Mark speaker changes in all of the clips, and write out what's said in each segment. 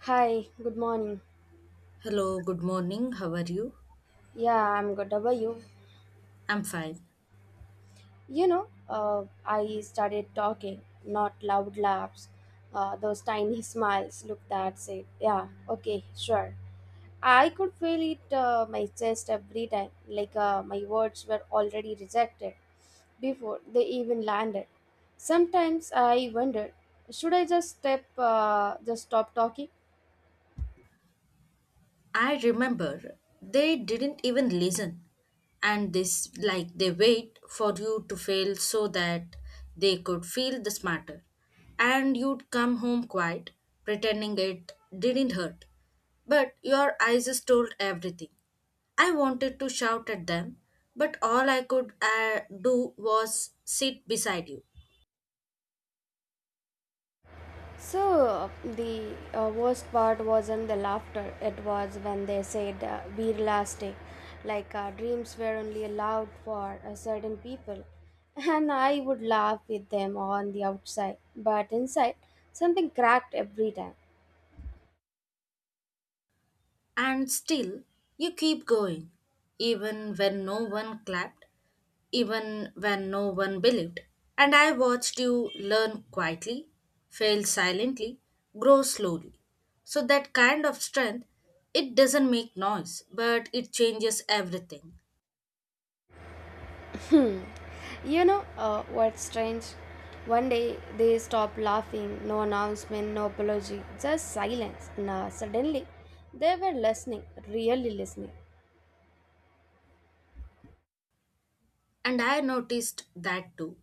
Speaker 1: Hi, good morning.
Speaker 2: Hello, good morning. How are you?
Speaker 1: Yeah, I'm good. How are you?
Speaker 2: I'm fine.
Speaker 1: I started talking, not loud laughs, those tiny smiles. Look, that's it. Yeah, okay, sure. I could feel it my chest every time, like my words were already rejected before they even landed. Sometimes I wondered, should I just stop talking?
Speaker 2: I remember they didn't even listen and this like they wait for you to fail so that they could feel the smarter. And you'd come home quiet, pretending it didn't hurt. But your eyes just told everything. I wanted to shout at them, but all I could do was sit beside you.
Speaker 1: So the worst part wasn't the laughter. It was when they said "we're elastic," like dreams were only allowed for a certain people, and I would laugh with them on the outside, but inside something cracked every time.
Speaker 2: And still, you keep going, even when no one clapped, even when no one believed. And I watched you learn quietly, fail silently, grow slowly. So, that kind of strength, it doesn't make noise, but it changes everything.
Speaker 1: Hmm. You know what's strange? One day they stopped laughing. No announcement, no apology, just silence. Now suddenly, they were listening, really listening.
Speaker 2: And I noticed that too.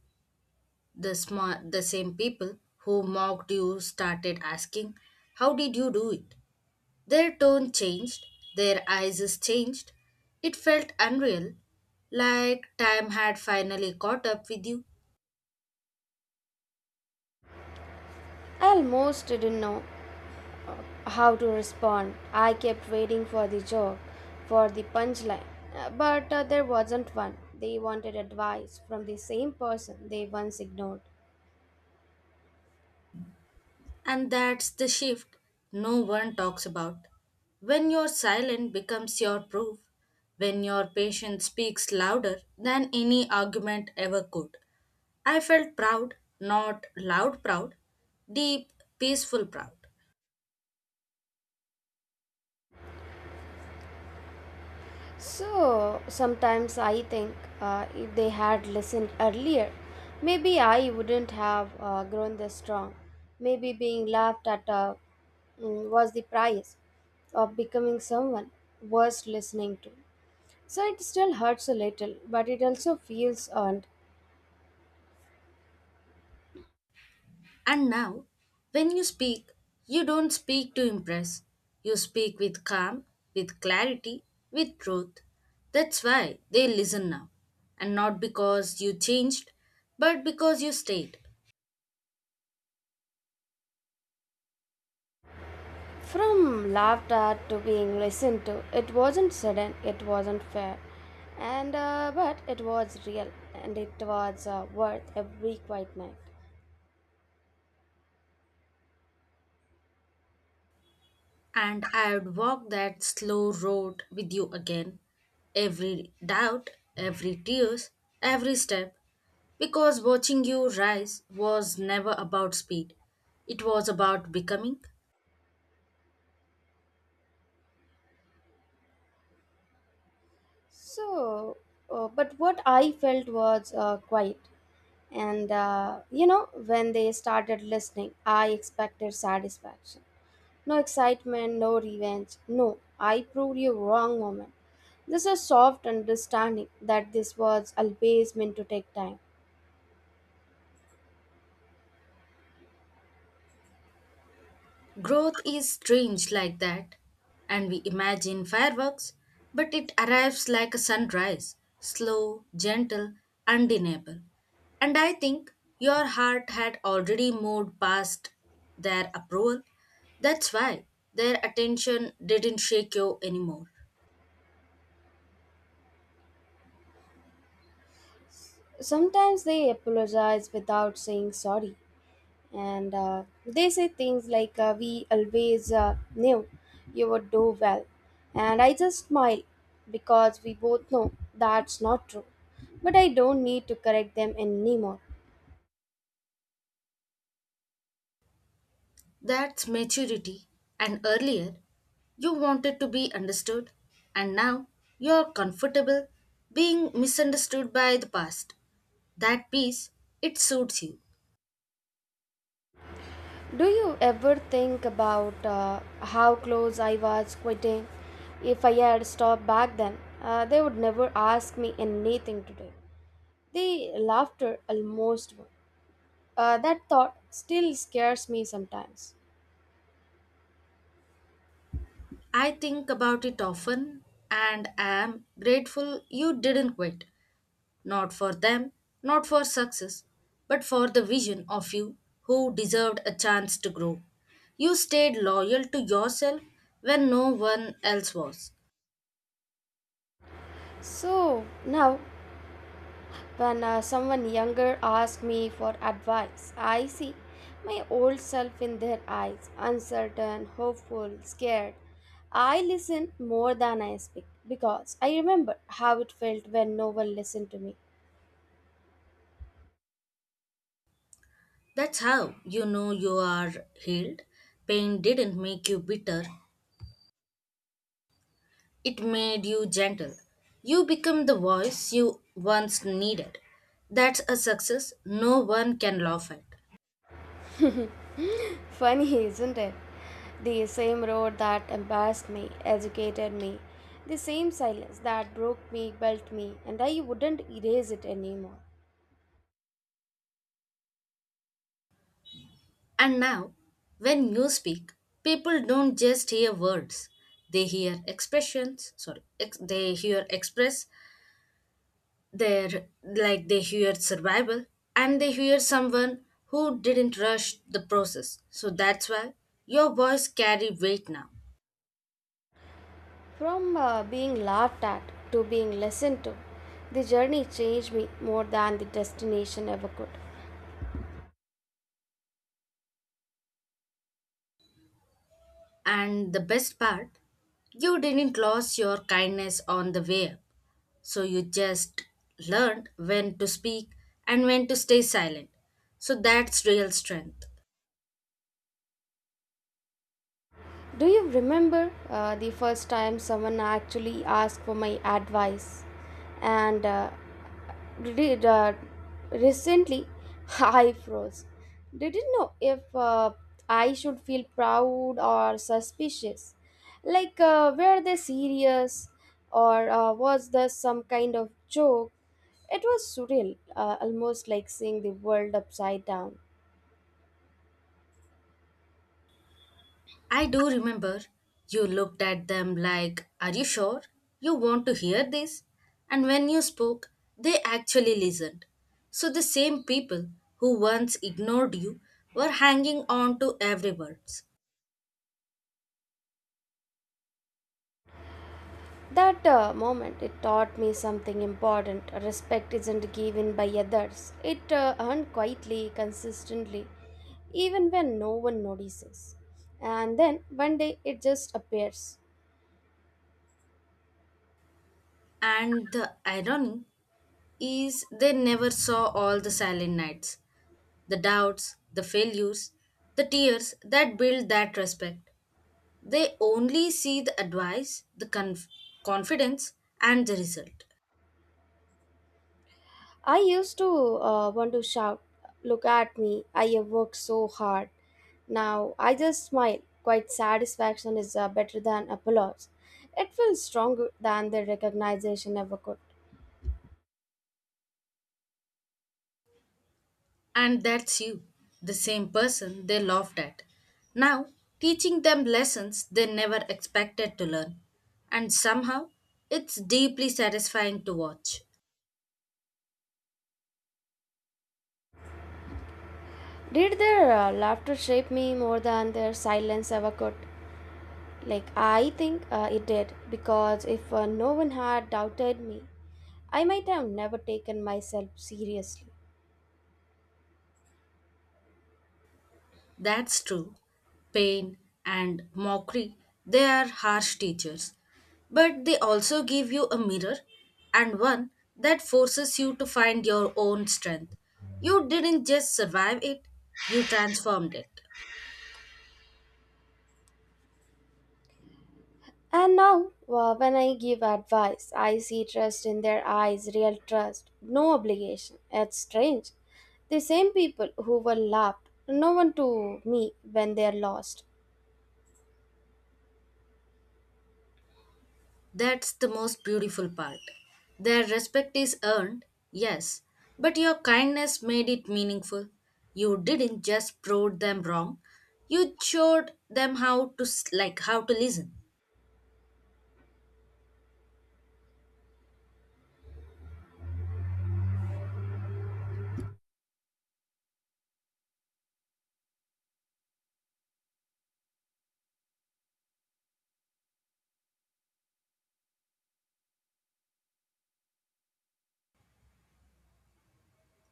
Speaker 2: The same people who mocked you started asking, how did you do it? Their tone changed, their eyes changed. It felt unreal, like time had finally caught up with you,
Speaker 1: I almost didn't know how to respond. I kept waiting for the joke, for the punchline, but there wasn't one. They wanted advice from the same person they once ignored.
Speaker 2: and that's the shift no one talks about. When your silence becomes your proof, when your patient speaks louder than any argument ever could. I felt proud, not loud proud, deep, peaceful proud.
Speaker 1: So sometimes I think if they had listened earlier, maybe I wouldn't have grown this strong. Maybe being laughed at was the price of becoming someone worth listening to. So it still hurts a little, but it also feels earned.
Speaker 2: And now, when you speak, you don't speak to impress. You speak with calm, with clarity, with truth. That's why they listen now. And not because you changed, but because you stayed.
Speaker 1: From laughed at to being listened to, it wasn't sudden, it wasn't fair, and but it was real, and it was worth every quiet night.
Speaker 2: And I would walk that slow road with you again. Every doubt, every tears, every step. Because watching you rise was never about speed. It was about becoming.
Speaker 1: So, but what I felt was quiet, and you know, when they started listening, I expected satisfaction. No excitement, no revenge. No, I proved you wrong moment. This is soft understanding that this was always meant to take time.
Speaker 2: Growth is strange like that, and we imagine fireworks, but it arrives like a sunrise, slow, gentle, undeniable. And I think your heart had already moved past their approval. That's why their attention didn't shake you anymore.
Speaker 1: Sometimes they apologize without saying sorry, and they say things like, we always knew you would do well. And I just smile because we both know that's not true. But I don't need to correct them anymore.
Speaker 2: That's maturity, and earlier you wanted to be understood, and now you're comfortable being misunderstood by the past. That piece, it suits you.
Speaker 1: Do you ever think about how close I was quitting? If I had stopped back then, they would never ask me anything today. The laughter almost won. That thought still scares me sometimes.
Speaker 2: I think about it often and am grateful you didn't quit. Not for them, not for success, but for the vision of you who deserved a chance to grow. You stayed loyal to yourself when no one else was.
Speaker 1: So now, when someone younger asks me for advice, I see my old self in their eyes, uncertain, hopeful, scared. I listen more than I speak because I remember how it felt when no one listened to me.
Speaker 2: That's how you know you are healed. Pain didn't make you bitter, it made you gentle. You become the voice you once needed. That's a success no one can laugh at.
Speaker 1: Funny, isn't it? The same road that embarrassed me, educated me, the same silence that broke me, built me, and I wouldn't erase it anymore.
Speaker 2: And now, when you speak, people don't just hear words. They hear expressions, sorry, they hear express, their like they hear survival, and they hear someone who didn't rush the process. So that's why your voice carry weight now.
Speaker 1: From being laughed at to being listened to, the journey changed me more than the destination ever could.
Speaker 2: And the best part, you didn't lose your kindness on the way up. So you just learned when to speak and when to stay silent. So that's real strength.
Speaker 1: Do you remember the first time someone actually asked for my advice? And uh, re- uh, recently, I froze. Didn't know if I should feel proud or suspicious. Like, were they serious? Or was this some kind of joke? It was surreal, almost like seeing the world upside down.
Speaker 2: I do remember you looked at them like, are you sure you want to hear this? And when you spoke, they actually listened. So the same people who once ignored you were hanging on to every word.
Speaker 1: That moment, it taught me something important. Respect isn't given by others, it earned quietly, consistently, even when no one notices. And then one day it just appears.
Speaker 2: And the irony is they never saw all the silent nights, the doubts, the failures, the tears that build that respect. They only see the advice, the confidence, and the result.
Speaker 1: I used to want to shout, look at me, I have worked so hard. Now I just smile. Quite satisfaction is better than applause. It feels stronger than the recognition ever could.
Speaker 2: And that's you, the same person they laughed at. Now, teaching them lessons they never expected to learn. And somehow, it's deeply satisfying to watch.
Speaker 1: Did their laughter shape me more than their silence ever could? Like, I think it did, because if no one had doubted me, I might have never taken myself seriously.
Speaker 2: That's true. Pain and mockery, they are harsh teachers. But they also give you a mirror and one that forces you to find your own strength. You didn't just survive it, you transformed it.
Speaker 1: And now, when I give advice, I see trust in their eyes, real trust, no obligation. It's strange. The same people who were laughed, no one to me when they're lost.
Speaker 2: That's the most beautiful part. Their respect is earned, yes, but your kindness made it meaningful. You didn't just prove them wrong, you showed them how to how to listen.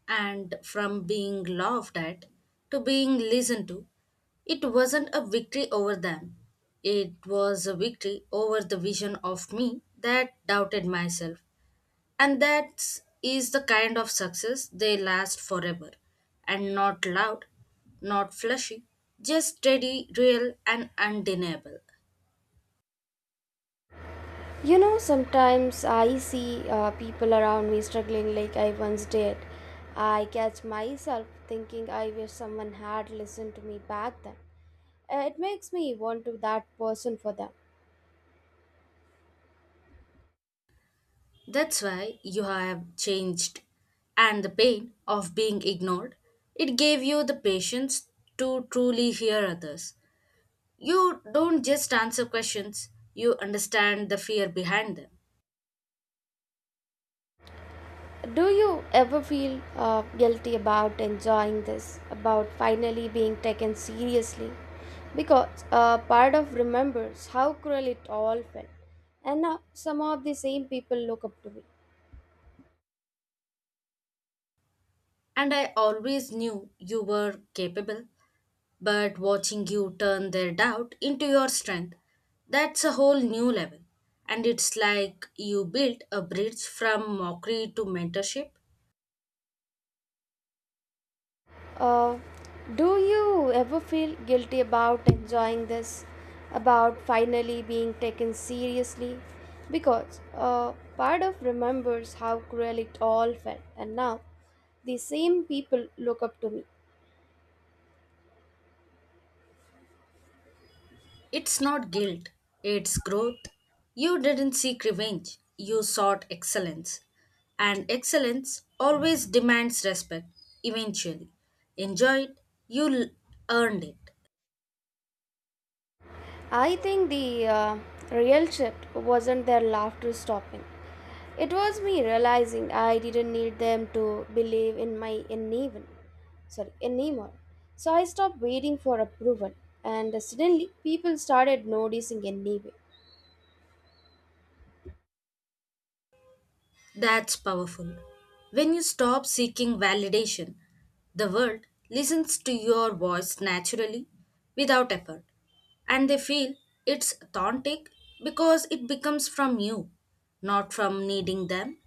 Speaker 2: And from being laughed at to being listened to. It wasn't a victory over them. It was a victory over the vision of me that doubted myself. And that is the kind of success they last forever. And not loud, not flashy, just steady, real, and undeniable.
Speaker 1: You know, sometimes I see people around me struggling like I once did. I catch myself thinking I wish someone had listened to me back then. It makes me want to that person for them.
Speaker 2: That's why you have changed. And the pain of being ignored, it gave you the patience to truly hear others. You don't just answer questions, you understand the fear behind them.
Speaker 1: Do you ever feel guilty about enjoying this, about finally being taken seriously? Because part of remembers how cruel it all felt, and now some of the same people look up to me.
Speaker 2: And I always knew you were capable, but watching you turn their doubt into your strength, that's a whole new level. And it's like you built a bridge from mockery to mentorship.
Speaker 1: Uh, do you ever feel guilty about enjoying this, about finally being taken seriously? Because part of remembers how cruel it all felt, and now the same people look up to me.
Speaker 2: It's not guilt, it's growth. You didn't seek revenge, you sought excellence. And excellence always demands respect, eventually. Enjoy it, you l- earned it.
Speaker 1: I think the real shift wasn't their laughter stopping. It was me realizing I didn't need them to believe in my uneven, sorry, anymore. So I stopped waiting for approval, and suddenly people started noticing anyway.
Speaker 2: That's powerful. When you stop seeking validation, the world listens to your voice naturally, without effort. And they feel it's authentic because it becomes from you, not from needing them.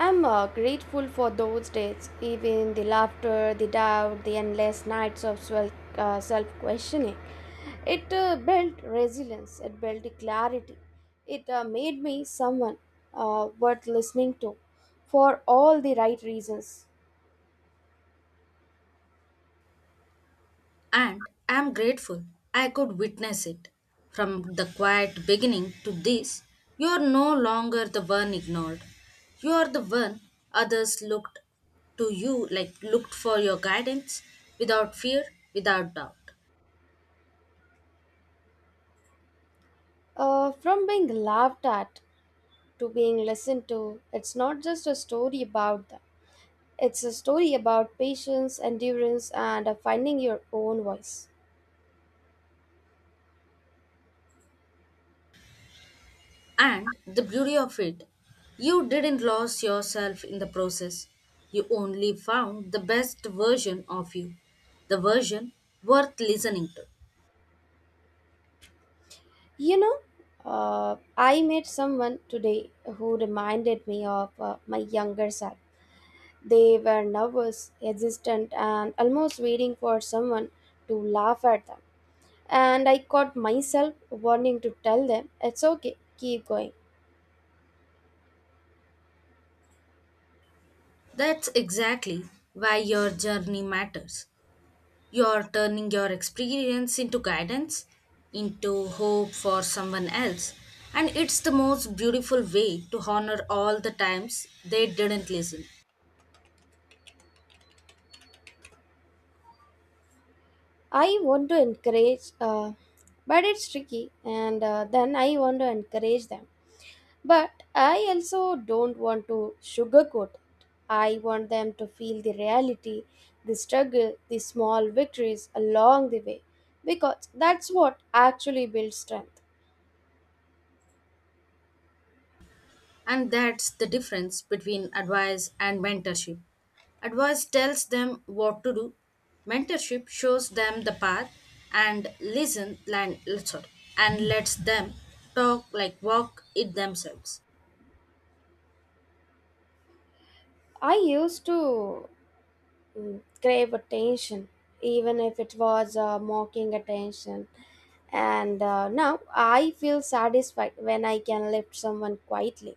Speaker 1: I'm grateful for those days, even the laughter, the doubt, the endless nights of self questioning. It built resilience, it built the clarity, it made me someone worth listening to for all the right reasons.
Speaker 2: And I'm grateful I could witness it. From the quiet beginning to this, you're no longer the one ignored. You're the one others looked to you, like looked for your guidance without fear, without doubt.
Speaker 1: From being laughed at to being listened to, it's not just a story about them, it's a story about patience, endurance, and finding your own voice.
Speaker 2: And the beauty of it, you didn't lose yourself in the process. You only found the best version of you, the version worth listening to.
Speaker 1: You know, I met someone today who reminded me of my younger self. They were nervous, hesitant, and almost waiting for someone to laugh at them. And I caught myself wanting to tell them, it's okay, keep going.
Speaker 2: That's exactly why your journey matters. You're turning your experience into guidance, into hope for someone else. And it's the most beautiful way to honor all the times they didn't listen.
Speaker 1: I want to encourage, but it's tricky, and then I want to encourage them. But I also don't want to sugarcoat. I want them to feel the reality, the struggle, the small victories along the way, because that's what actually builds strength.
Speaker 2: And that's the difference between advice and mentorship. Advice tells them what to do, mentorship shows them the path and sorry, lets them talk like walk it themselves.
Speaker 1: I used to crave attention, even if it was mocking attention. And now I feel satisfied when I can lift someone quietly,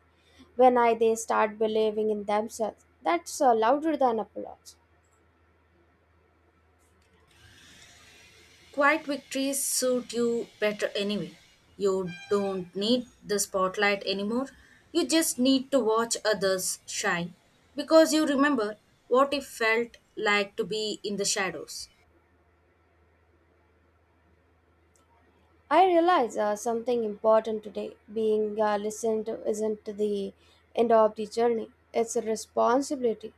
Speaker 1: when I they start believing in themselves. That's louder than applause.
Speaker 2: Quiet victories suit you better anyway. You don't need the spotlight anymore. You just need to watch others shine because you remember what it felt like to be in the shadows.
Speaker 1: I realize something important today. Being listened to isn't the end of the journey, it's a responsibility.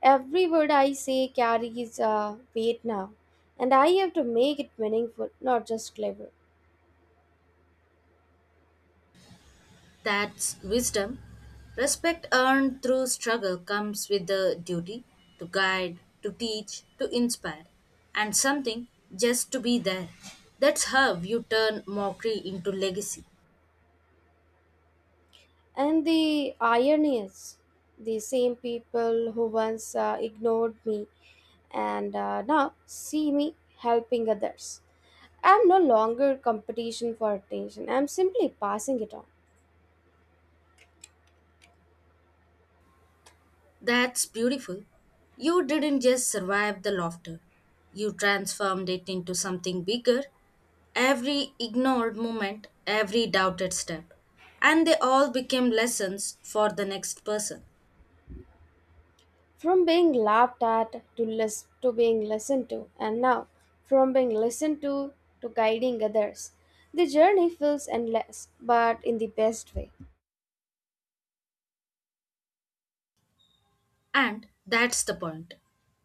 Speaker 1: Every word I say carries weight now, and I have to make it meaningful, not just clever.
Speaker 2: That's wisdom. Respect earned through struggle comes with the duty to guide, to teach, to inspire, and something just to be there. That's how you turn mockery into legacy.
Speaker 1: And the irony is, the same people who once ignored me and now see me helping others. I'm no longer competition for attention, I'm simply passing it on.
Speaker 2: That's beautiful. You didn't just survive the laughter, you transformed it into something bigger. Every ignored moment, every doubted step, and they all became lessons for the next person.
Speaker 1: From being listened to, and now from being listened to guiding others. The journey feels endless, but in the best way.
Speaker 2: And that's the point.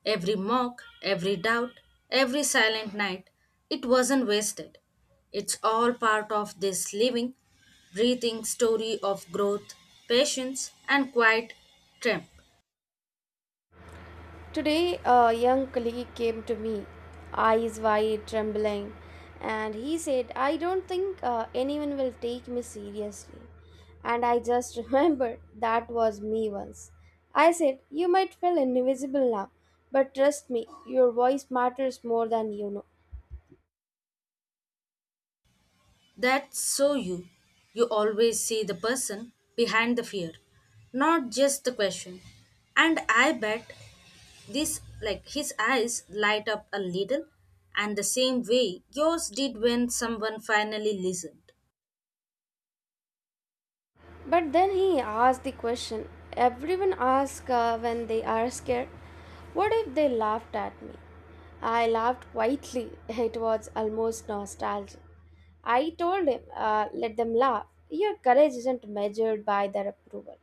Speaker 2: Every mock, every doubt, every silent night, it wasn't wasted. It's all part of this living, breathing story of growth, patience, and quiet triumph.
Speaker 1: Today, a young colleague came to me, eyes wide, trembling, and he said, I don't think anyone will take me seriously. And I just remembered that was me once. I said, you might feel invisible now, but trust me, your voice matters more than you know.
Speaker 2: That's so you. You always see the person behind the fear, not just the question. And I bet this like his eyes light up a little and the same way yours did when someone finally listened.
Speaker 1: But then he asked the question everyone asks when they are scared, what if they laughed at me? I laughed quietly. It was almost nostalgic. I told him, let them laugh. Your courage isn't measured by their approval.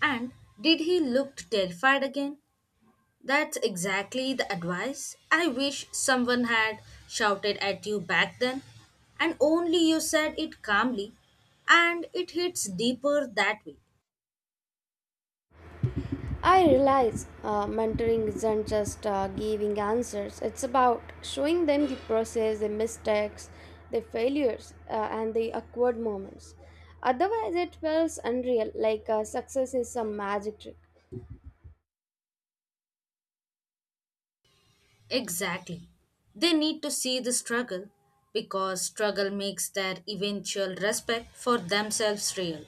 Speaker 2: And did he look terrified again? That's exactly the advice I wish someone had shouted at you back then. And only you said it calmly, and it hits deeper that way.
Speaker 1: I realize mentoring isn't just giving answers, it's about showing them the process, the mistakes, the failures, and the awkward moments. Otherwise, it feels unreal, like success is some magic trick.
Speaker 2: Exactly. They need to see the struggle because struggle makes their eventual respect for themselves real.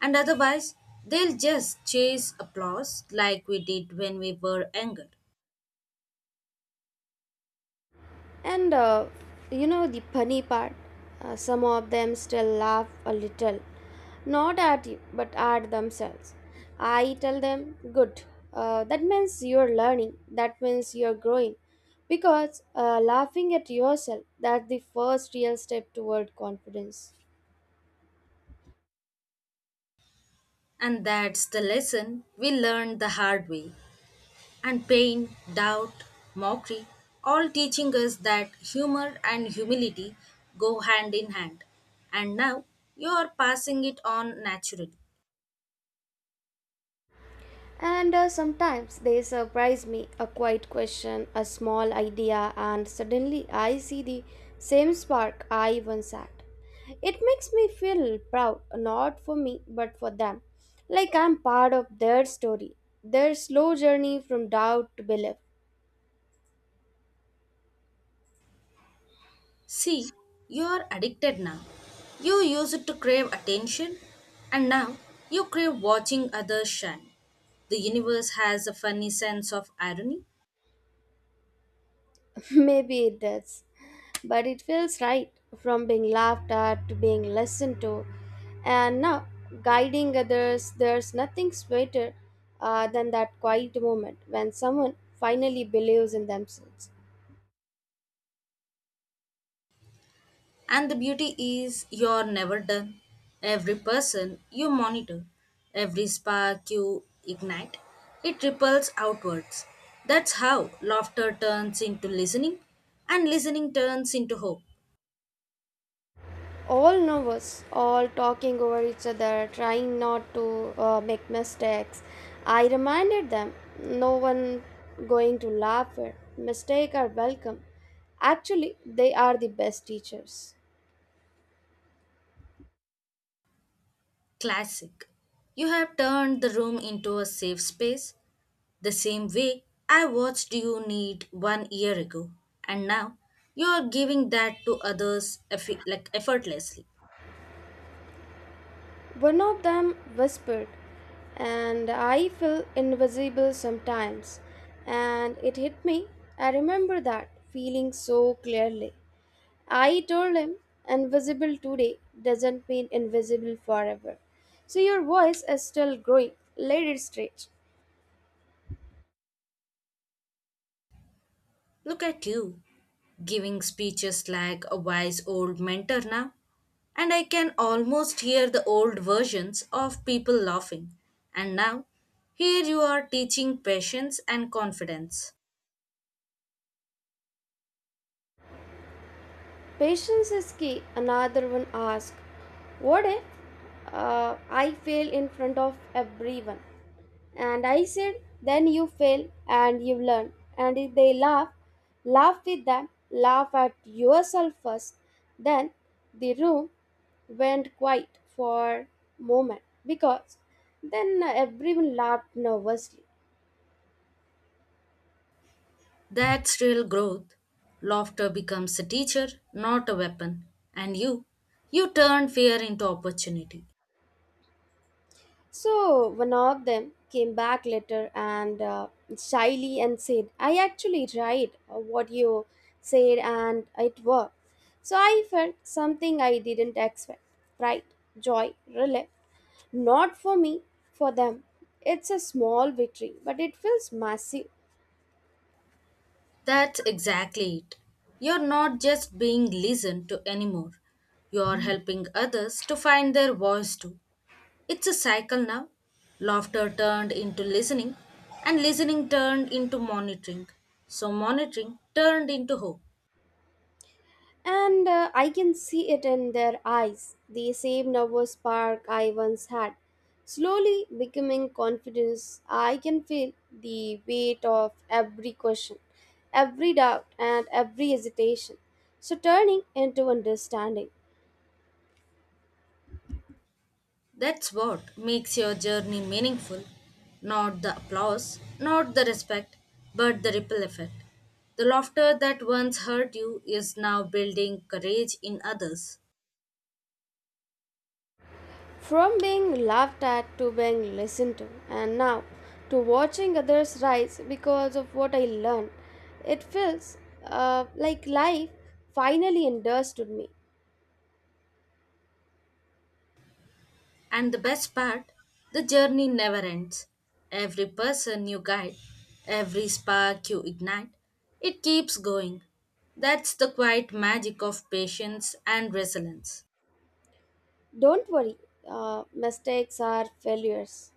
Speaker 2: And otherwise, they'll just chase applause like we did when we were younger.
Speaker 1: And you know the funny part, some of them still laugh a little, not at you, but at themselves. I tell them, good, that means you're learning, that means you're growing. Because laughing at yourself, that's the first real step toward confidence.
Speaker 2: And that's the lesson we learned the hard way. And pain, doubt, mockery, all teaching us that humor and humility go hand in hand. And now you are passing it on naturally.
Speaker 1: And sometimes they surprise me, a quiet question, a small idea, and suddenly I see the same spark I once had. It makes me feel proud, not for me, but for them. Like I'm part of their story, their slow journey from doubt to belief.
Speaker 2: See, you're addicted now. You used to crave attention, and now you crave watching others shine. The universe has a funny sense of irony,
Speaker 1: Maybe it does. But it feels right, from being laughed at to being listened to. And now, guiding others, there's nothing sweeter than that quiet moment when someone finally believes in themselves.
Speaker 2: and the beauty is you're never done. Every person you monitor, every spark you ignite, it ripples outwards. That's how laughter turns into listening, and listening turns into hope.
Speaker 1: All nervous, all talking over each other, trying not to make mistakes. I reminded them no one going to laugh at. Mistakes are welcome. Actually, they are the best teachers.
Speaker 2: Classic. You have turned the room into a safe space. The same way I watched you need one year ago, and now you are giving that to others effortlessly.
Speaker 1: One of them whispered, and I feel invisible sometimes. And it hit me. I remember that feeling so clearly. I told him, invisible today doesn't mean invisible forever. So your voice is still growing. Let it stretch.
Speaker 2: Look at you, giving speeches like a wise old mentor now. And I can almost hear the old versions of people laughing. And now, here you are teaching patience and confidence.
Speaker 1: Patience is key. Another one asked, what if I fail in front of everyone? And I said, then you fail and you learn. And if they laugh, laugh with them, laugh at yourself first. Then the room went quiet for a moment because then everyone laughed nervously.
Speaker 2: That's real growth. Laughter becomes a teacher, not a weapon. And you turn fear into opportunity.
Speaker 1: So one of them came back later and shyly and said, I actually tried what you said and it worked. So I felt something I didn't expect, pride, joy, relief. Not for me, for them. It's a small victory, but it feels massive.
Speaker 2: That's exactly it. You're not just being listened to anymore. You're helping others to find their voice too. It's a cycle now. Laughter turned into listening, and listening turned into monitoring. So, monitoring turned into hope.
Speaker 1: And I can see it in their eyes, the same nervous spark I once had. Slowly becoming confidence, I can feel the weight of every question, every doubt, and every hesitation. So turning into understanding.
Speaker 2: That's what makes your journey meaningful. Not the applause, not the respect, but the ripple effect. The laughter that once hurt you is now building courage in others.
Speaker 1: From being laughed at to being listened to, and now to watching others rise because of what I learned, it feels like life finally understood me.
Speaker 2: And the best part, the journey never ends. Every person you guide, every spark you ignite, it keeps going. That's the quiet magic of patience and resilience.
Speaker 1: Don't worry, mistakes are failures.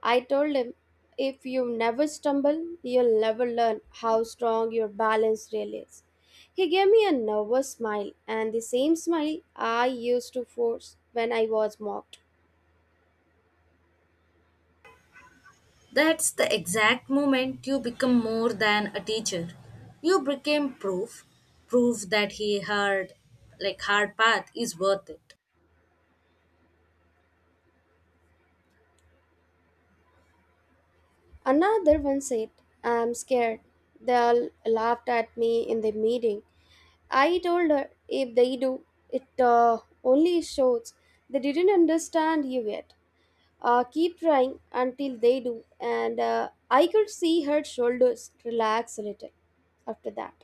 Speaker 1: I told him, if you never stumble, you'll never learn how strong your balance really is. He gave me a nervous smile and the same smile I used to force when I was mocked.
Speaker 2: That's the exact moment you become more than a teacher. You became proof, proof that he hard, like hard path is worth it.
Speaker 1: Another one said, I'm scared. They all laughed at me in the meeting. I told her, if they do, it only shows they didn't understand you yet. Keep trying until they do, and I could see her shoulders relax a little after that.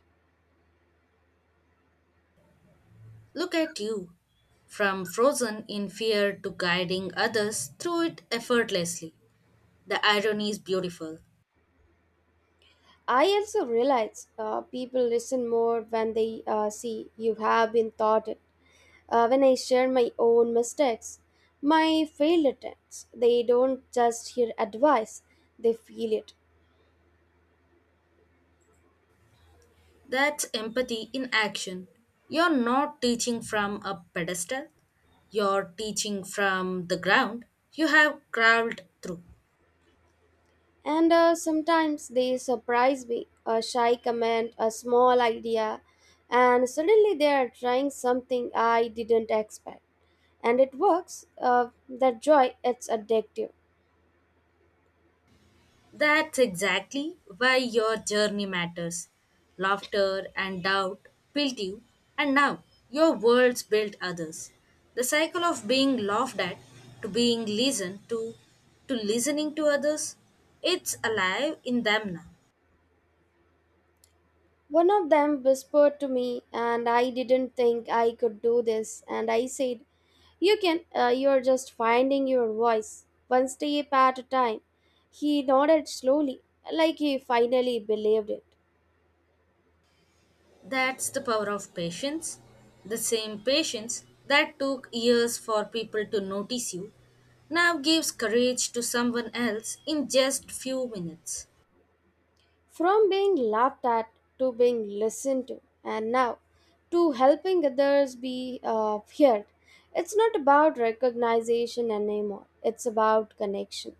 Speaker 2: Look at you, from frozen in fear to guiding others through it effortlessly. The irony is beautiful.
Speaker 1: I also realized people listen more when they see you have been taught it, when I share my own mistakes, my failed attempts, they don't just hear advice, they feel it.
Speaker 2: That's empathy in action. You're not teaching from a pedestal, you're teaching from the ground you have crawled through.
Speaker 1: And sometimes they surprise me, a shy comment, a small idea, and suddenly they are trying something I didn't expect and it works. That joy, it's addictive.
Speaker 2: That's exactly why your journey matters. Laughter and doubt built you, and now your world's built others. The cycle of being laughed at to being listened to listening to others, it's alive in them now.
Speaker 1: One of them whispered to me, and I didn't think I could do this. And I said, you can, you're just finding your voice, one step at a time. He nodded slowly, like he finally believed it.
Speaker 2: That's the power of patience. The same patience that took years for people to notice you now gives courage to someone else in just few minutes.
Speaker 1: From being laughed at to being listened to, and now to helping others be heard. It's not about recognition anymore, it's about connection.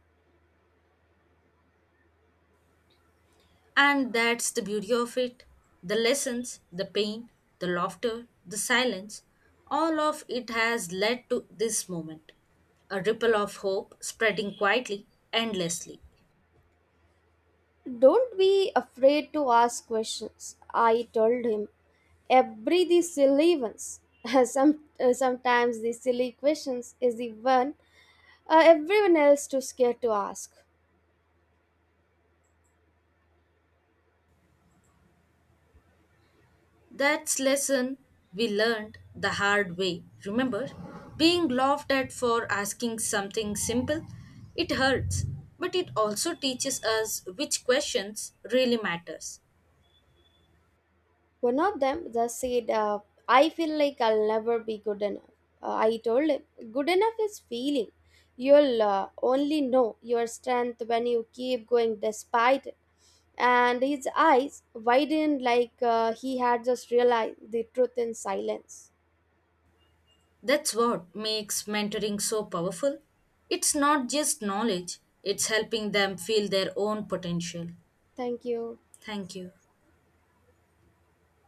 Speaker 2: And that's the beauty of it. The lessons, the pain, the laughter, the silence, all of it has led to this moment. A ripple of hope spreading quietly, endlessly.
Speaker 1: Don't be afraid to ask questions, I told him. Every the silly ones. Some, sometimes the silly questions is the one everyone else too scared to ask.
Speaker 2: That's lesson we learned the hard way. Remember, being laughed at for asking something simple, it hurts, but it also teaches us which questions really matters.
Speaker 1: One of them just said, I feel like I'll never be good enough. I told him, good enough is feeling. You'll only know your strength when you keep going despite it. And his eyes widened like he had just realized the truth in silence.
Speaker 2: That's what makes mentoring so powerful. It's not just knowledge, it's helping them feel their own potential.
Speaker 1: Thank you.
Speaker 2: Thank you.